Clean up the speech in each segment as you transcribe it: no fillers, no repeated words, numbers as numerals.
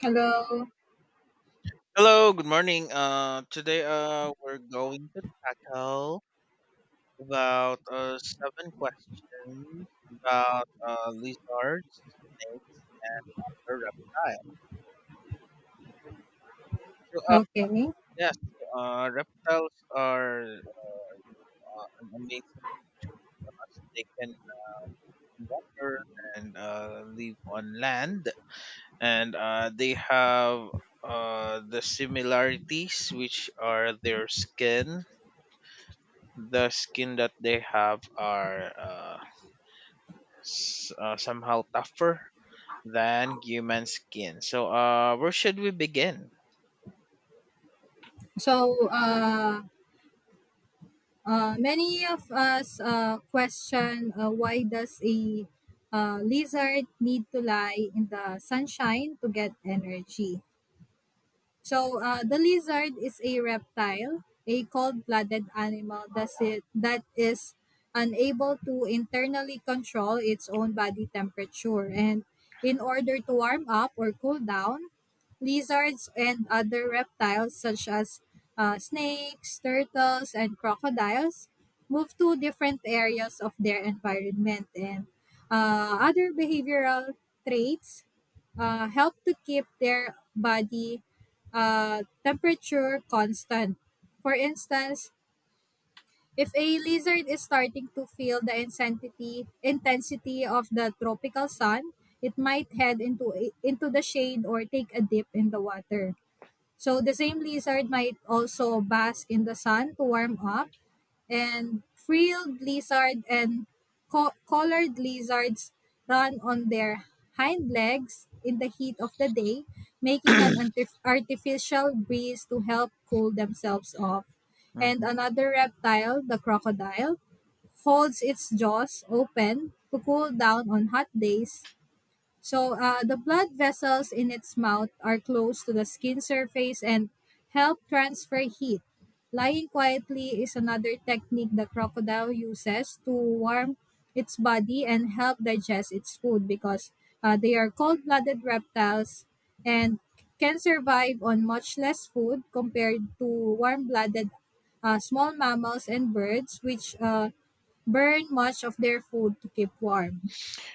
Hello. Hello, good morning. Today we're going to tackle about seven questions about lizards, snakes, or reptiles. So, uh, Okay. yes, Reptiles are an amazing creature. They can drink water and live on land, and they have the similarities, which are their skin. The skin that they have are somehow tougher than human skin. So, where should we begin? So, uh, Many of us question why does a lizard need to lie in the sunshine to get energy? The lizard is a reptile, a cold-blooded animal that is unable to internally control its own body temperature. And in order to warm up or cool down, lizards and other reptiles such as snakes, turtles, and crocodiles move to different areas of their environment. And other behavioral traits help to keep their body temperature constant. For instance, if a lizard is starting to feel the intensity of the tropical sun, it might head into the shade or take a dip in the water. So the same lizard might also bask in the sun to warm up, and frilled lizard and collared lizards run on their hind legs in the heat of the day, making an artificial breeze to help cool themselves off. And Mhm. another reptile, the crocodile, holds its jaws open to cool down on hot days, so the blood vessels in its mouth are close to the skin surface and help transfer heat. Lying quietly is another technique the crocodile uses to warm its body and help digest its food, because they are cold blooded reptiles and can survive on much less food compared to warm blooded small mammals and birds, which burn much of their food to keep warm.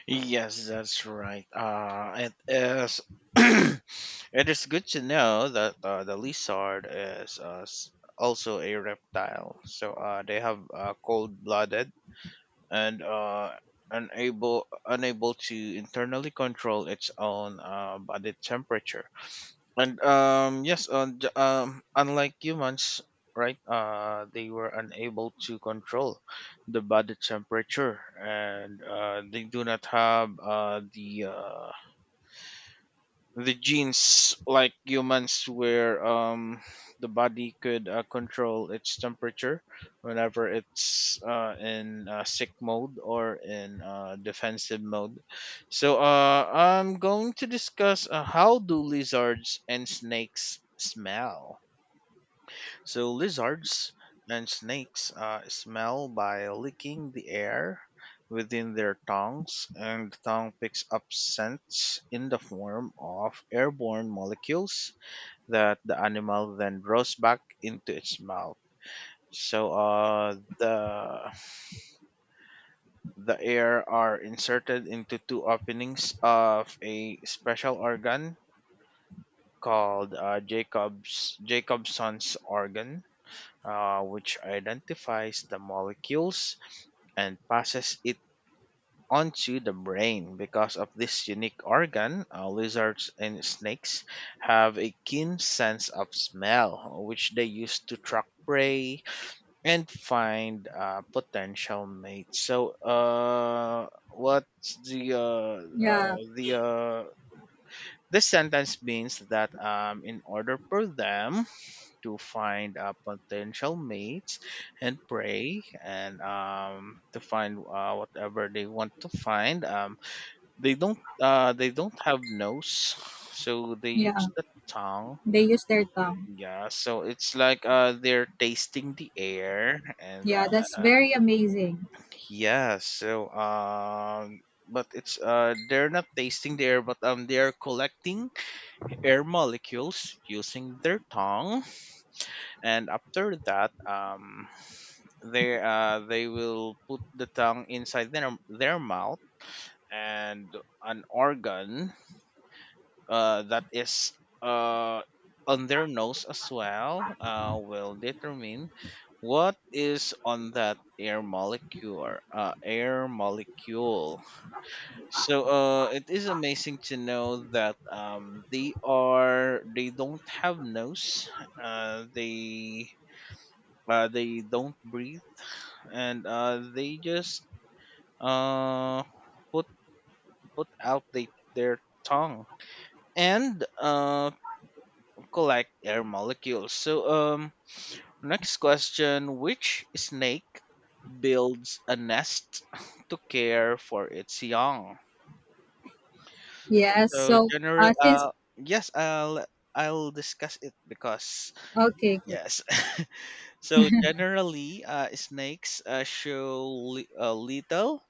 Yes, that's right. It is. It is good to know that the lizard is also a reptile. So they have cold-blooded and unable to internally control its own body temperature. And yes, unlike humans, right? They were unable to control the body temperature, and they do not have the genes like humans where the body could control its temperature whenever it's in sick mode or in defensive mode. So I'm going to discuss how do lizards and snakes smell. So lizards and snakes smell by licking the air within their tongues, and the tongue picks up scents in the form of airborne molecules that the animal then draws back into its mouth. So the air are inserted into two openings of a special organ called Jacob's Jacobson's organ, which identifies the molecules and passes it onto the brain. Because of this unique organ, lizards and snakes have a keen sense of smell, which they use to track prey and find potential mates. So, what's Yeah, the This sentence means that in order for them to find potential mates and pray and to find whatever they want to find. They don't they don't have nose, so they yeah. use the tongue. They use their tongue. Yeah, so it's like they're tasting the air and Yeah, that's uh, very amazing. yeah, so um, but it's they're not tasting the air, but they are collecting air molecules using their tongue, and after that, they will put the tongue inside their mouth and an organ that is uh on their nose as well will determine what is on that air molecule. So it is amazing to know that they don't have nose. uh they they don't breathe and they just uh, put put out their tongue and collect air molecules. So next question: Which snake builds a nest to care for its young? Yes. So So, general, since yes, I'll discuss it because Okay, good. yes. So generally, snakes show little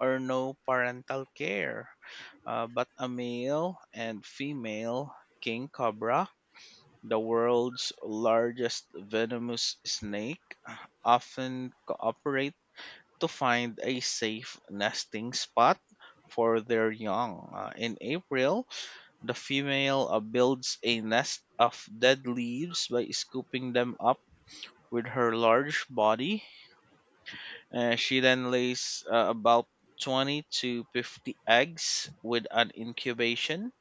or no parental care. But a male and female king cobra, the world's largest venomous snake, often cooperate to find a safe nesting spot for their young. In April, the female builds a nest of dead leaves by scooping them up with her large body. She then lays about 20 to 50 eggs with an incubation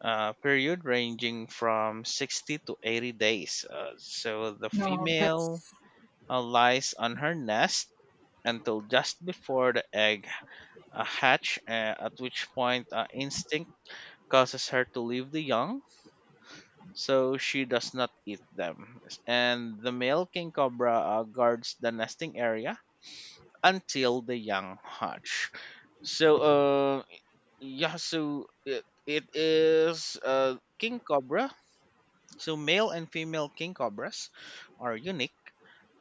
period ranging from 60 to 80 days. So the No, female that's lies on her nest until just before the egg hatch, at which point instinct causes her to leave the young. So she does not eat them. And the male king cobra guards the nesting area until the young hatch. So, yeah, so it is king cobra. So, male and female king cobras are unique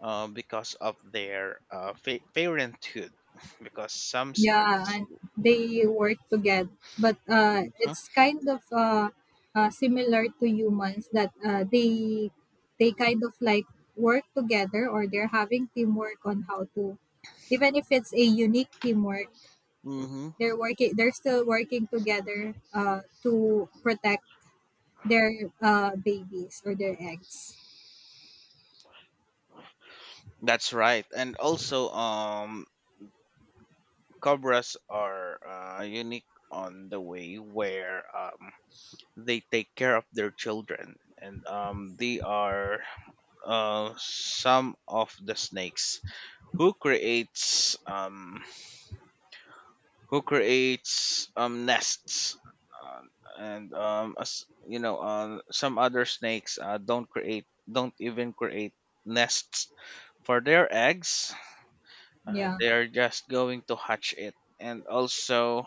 because of their parenthood. Because some yeah, snakes, and they work together. But mhm, it's kind of similar to humans that they kind of work together, or they're having teamwork on how to, even if it's a unique teamwork, mhm, they're working. They're still working together to protect their babies or their eggs. that's right. And also cobras are unique on the way where they take care of their children, and they are uh, some of the snakes who creates um who creates nests, um, and as you know some other snakes don't even create nests for their eggs. Yeah, They are just going to hatch it. And also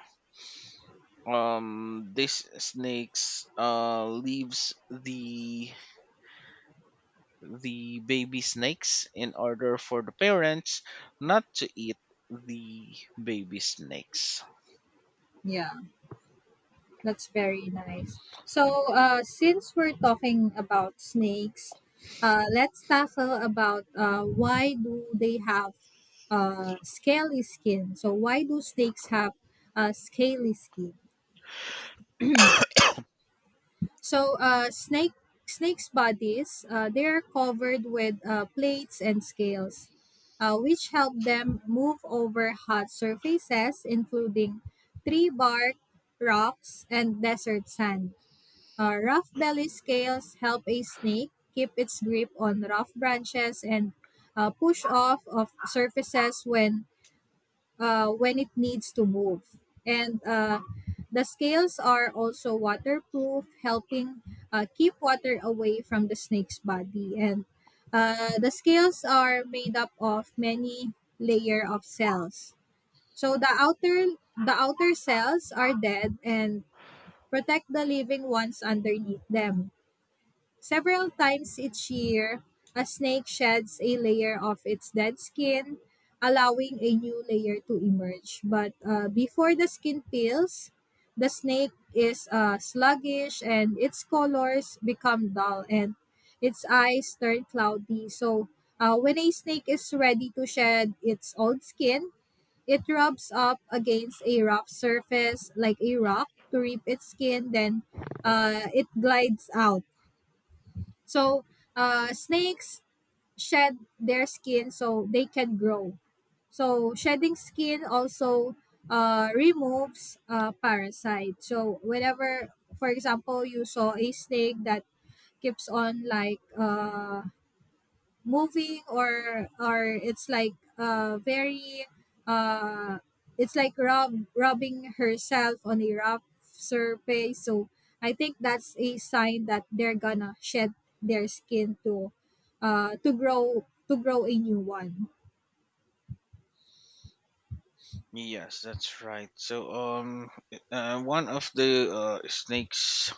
these snakes leaves the baby snakes in order for the parents not to eat the baby snakes. yeah, that's very nice. So, since we're talking about snakes, let's tackle about why do they have scaly skin? So, why do snakes have scaly skin? So, snakes' bodies, they are covered with plates and scales, which help them move over hot surfaces, including tree bark, rocks, and desert sand. Rough belly scales help a snake keep its grip on rough branches and push off of surfaces when it needs to move. And the scales are also waterproof, helping keep water away from the snake's body. And the scales are made up of many layer of cells. So the outer cells are dead and protect the living ones underneath them. Several times each year, a snake sheds a layer of its dead skin, allowing a new layer to emerge. But before the skin peels, the snake is sluggish and its colors become dull and its eyes turn cloudy. So, when a snake is ready to shed its old skin, it rubs up against a rough surface like a rock to rip its skin, then it glides out. So snakes shed their skin so they can grow. So shedding skin also removes parasites. So whenever, for example, you saw a snake that keeps on like moving, or it's like very uh it's like rubbing herself on a rough surface, so I think that's a sign that they're gonna shed their skin to grow a new one. Yes, that's right. So, one of the snake's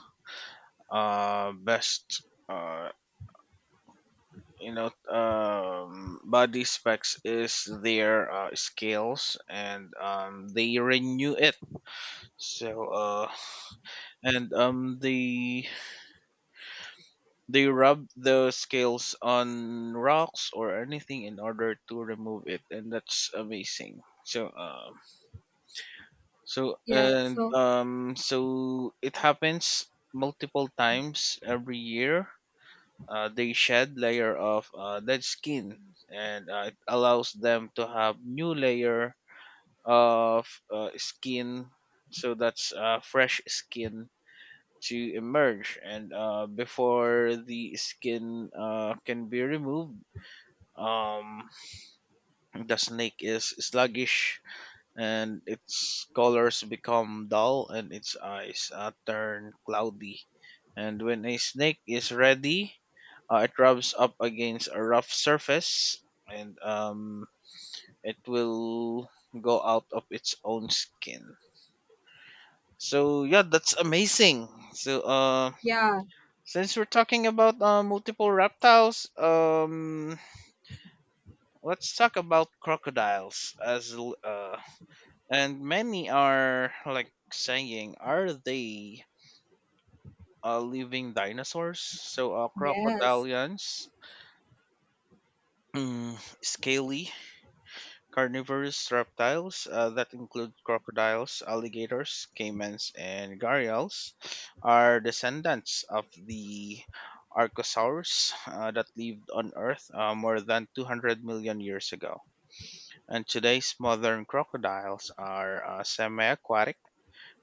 best, body specs is their scales, and they renew it. So, and they rub the scales on rocks or anything in order to remove it, and that's amazing. So, um, So Yes, and so um, so it happens multiple times every year. They shed layer of dead skin, and it allows them to have new layer of skin. So that's fresh skin to emerge, and before the skin can be removed, um, the snake is sluggish and its colors become dull and its eyes turn cloudy. And when a snake is ready, it rubs up against a rough surface and it will go out of its own skin. So yeah, that's amazing. So yeah. since we're talking about multiple reptiles, let's talk about crocodiles And many are like saying, are they living dinosaurs? So, Yes. crocodilians, mm, scaly carnivorous reptiles that include crocodiles, alligators, caimans, and gharials are descendants of the archosaurs that lived on Earth more than 200 million years ago. And today's modern crocodiles are semi aquatic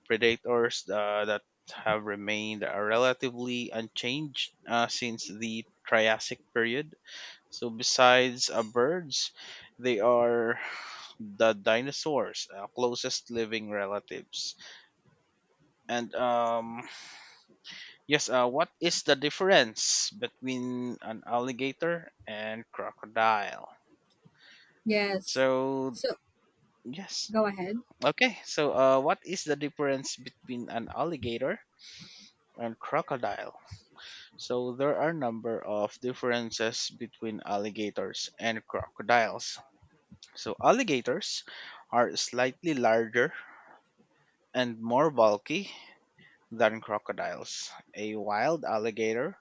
predators that have remained relatively unchanged since the Triassic period. So, besides birds, they are the dinosaurs' closest living relatives. And yes, what is the difference between an alligator and crocodile? Yes, So, so yes. go ahead. Okay, so what is the difference between an alligator and crocodile? So there are a number of differences between alligators and crocodiles. So alligators are slightly larger and more bulky than crocodiles. A wild alligator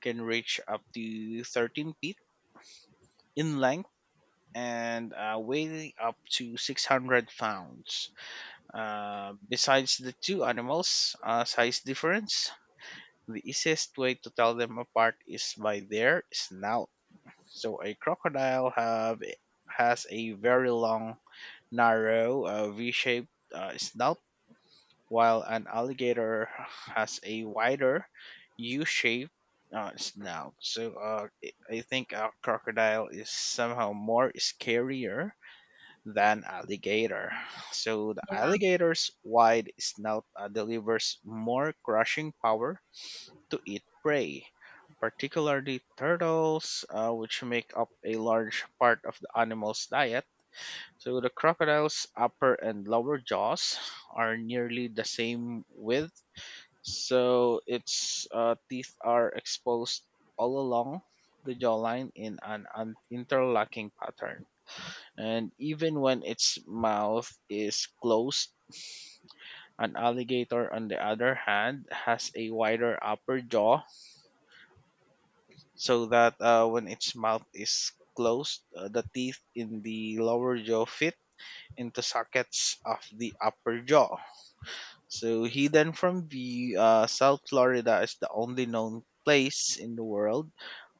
can reach up to 13 feet in length and weigh up to 600 pounds. Besides the two animals' size difference, the easiest way to tell them apart is by their snout. So a crocodile have has a very long, narrow, V-shaped snout, while an alligator has a wider, U-shaped snout. So I think a crocodile is somehow more scarier than alligator. So the Yeah. alligator's wide snout delivers more crushing power to eat prey, particularly turtles, which make up a large part of the animal's diet. So the crocodile's upper and lower jaws are nearly the same width, so its teeth are exposed all along the jawline in an interlocking pattern. And even when its mouth is closed, an alligator, on the other hand, has a wider upper jaw so that when its mouth is closed, the teeth in the lower jaw fit into sockets of the upper jaw. So, hidden from view, South Florida is the only known place in the world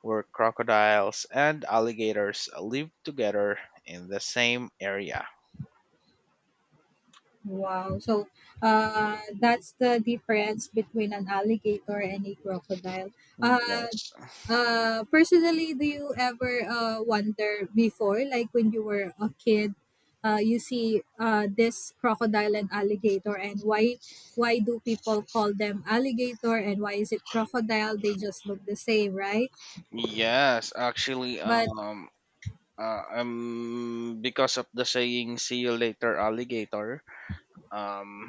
where crocodiles and alligators live together in the same area. Wow. So, that's the difference between an alligator and a crocodile. Uh, Yes. Personally, do you ever wonder before, like when you were a kid, you see this crocodile and alligator, and why do people call them alligator and why is it crocodile? They just look the same, right? Yes, actually, But because of the saying "see you later, alligator," Um,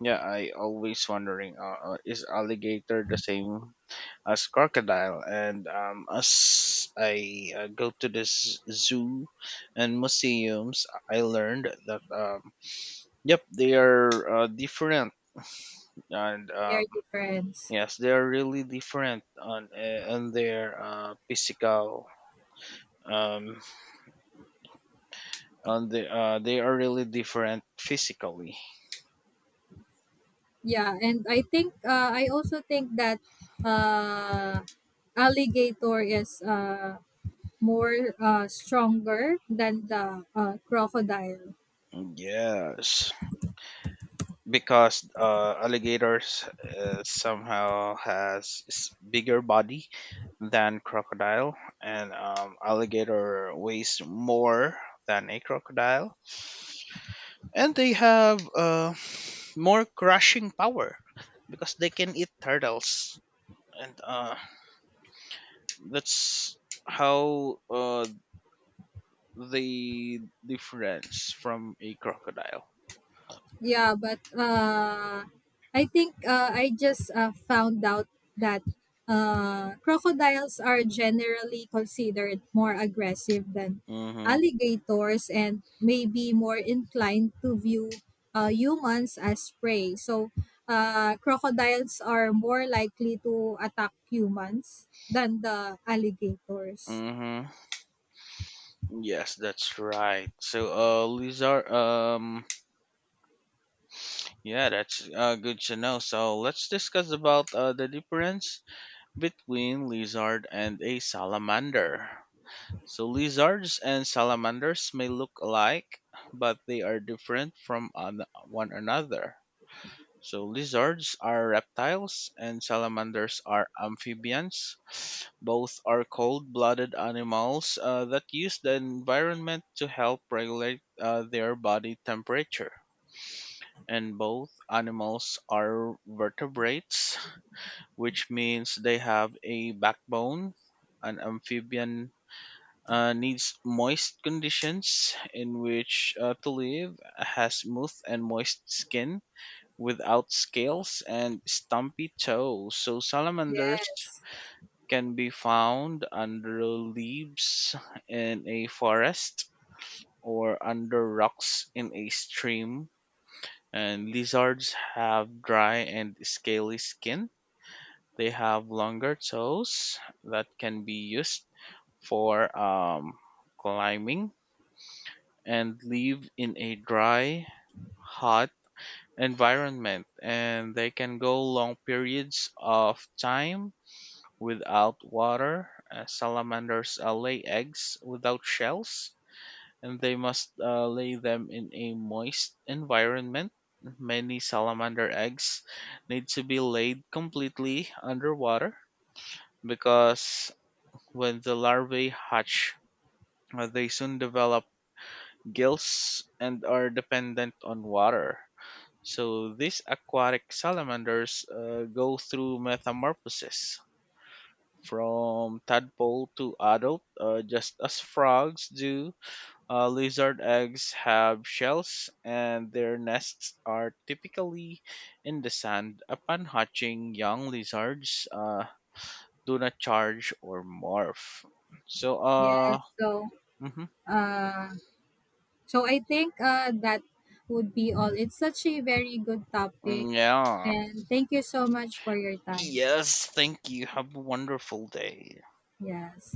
yeah, I always wondering is alligator the same as crocodile? And as I go to this zoo and museums, I learned that yep, they are different, and they're different. yes, they are really different on their physical. Um, on the They are really different physically. Yeah, and I think I also think that uh, alligator is more stronger than the crocodile. Yes. Because alligators somehow has bigger body than crocodile and alligator weighs more than a crocodile and they have more crushing power because they can eat turtles and that's how they difference from a crocodile. Yeah, but I think I just found out that crocodiles are generally considered more aggressive than Mm-hmm. alligators and may be more inclined to view humans as prey. So, crocodiles are more likely to attack humans than the alligators. Mm-hmm. yes that's right so lizard Yeah, that's good to know. So let's discuss about the difference between lizard and a salamander. So lizards and salamanders may look alike, but they are different from one another. So lizards are reptiles and salamanders are amphibians. Both are cold-blooded animals that use the environment to help regulate their body temperature, and both animals are vertebrates, which means they have a backbone. An amphibian needs moist conditions in which to live, has smooth and moist skin without scales and stumpy toes. So salamanders Yes, can be found under leaves in a forest or under rocks in a stream. And lizards have dry and scaly skin. They have longer toes that can be used for climbing and live in a dry, hot environment. And they can go long periods of time without water. Salamanders lay eggs without shells and they must lay them in a moist environment. Many salamander eggs need to be laid completely underwater because when the larvae hatch, they soon develop gills and are dependent on water. So these aquatic salamanders go through metamorphosis from tadpole to adult, just as frogs do. Lizard eggs have shells, and their nests are typically in the sand. Upon hatching, young lizards do not charge or morph. So, yes. uh, So, mhm. uh, I think that would be all. It's such a very good topic. yeah. And thank you so much for your time. Yes, thank you. Have a wonderful day. Yes.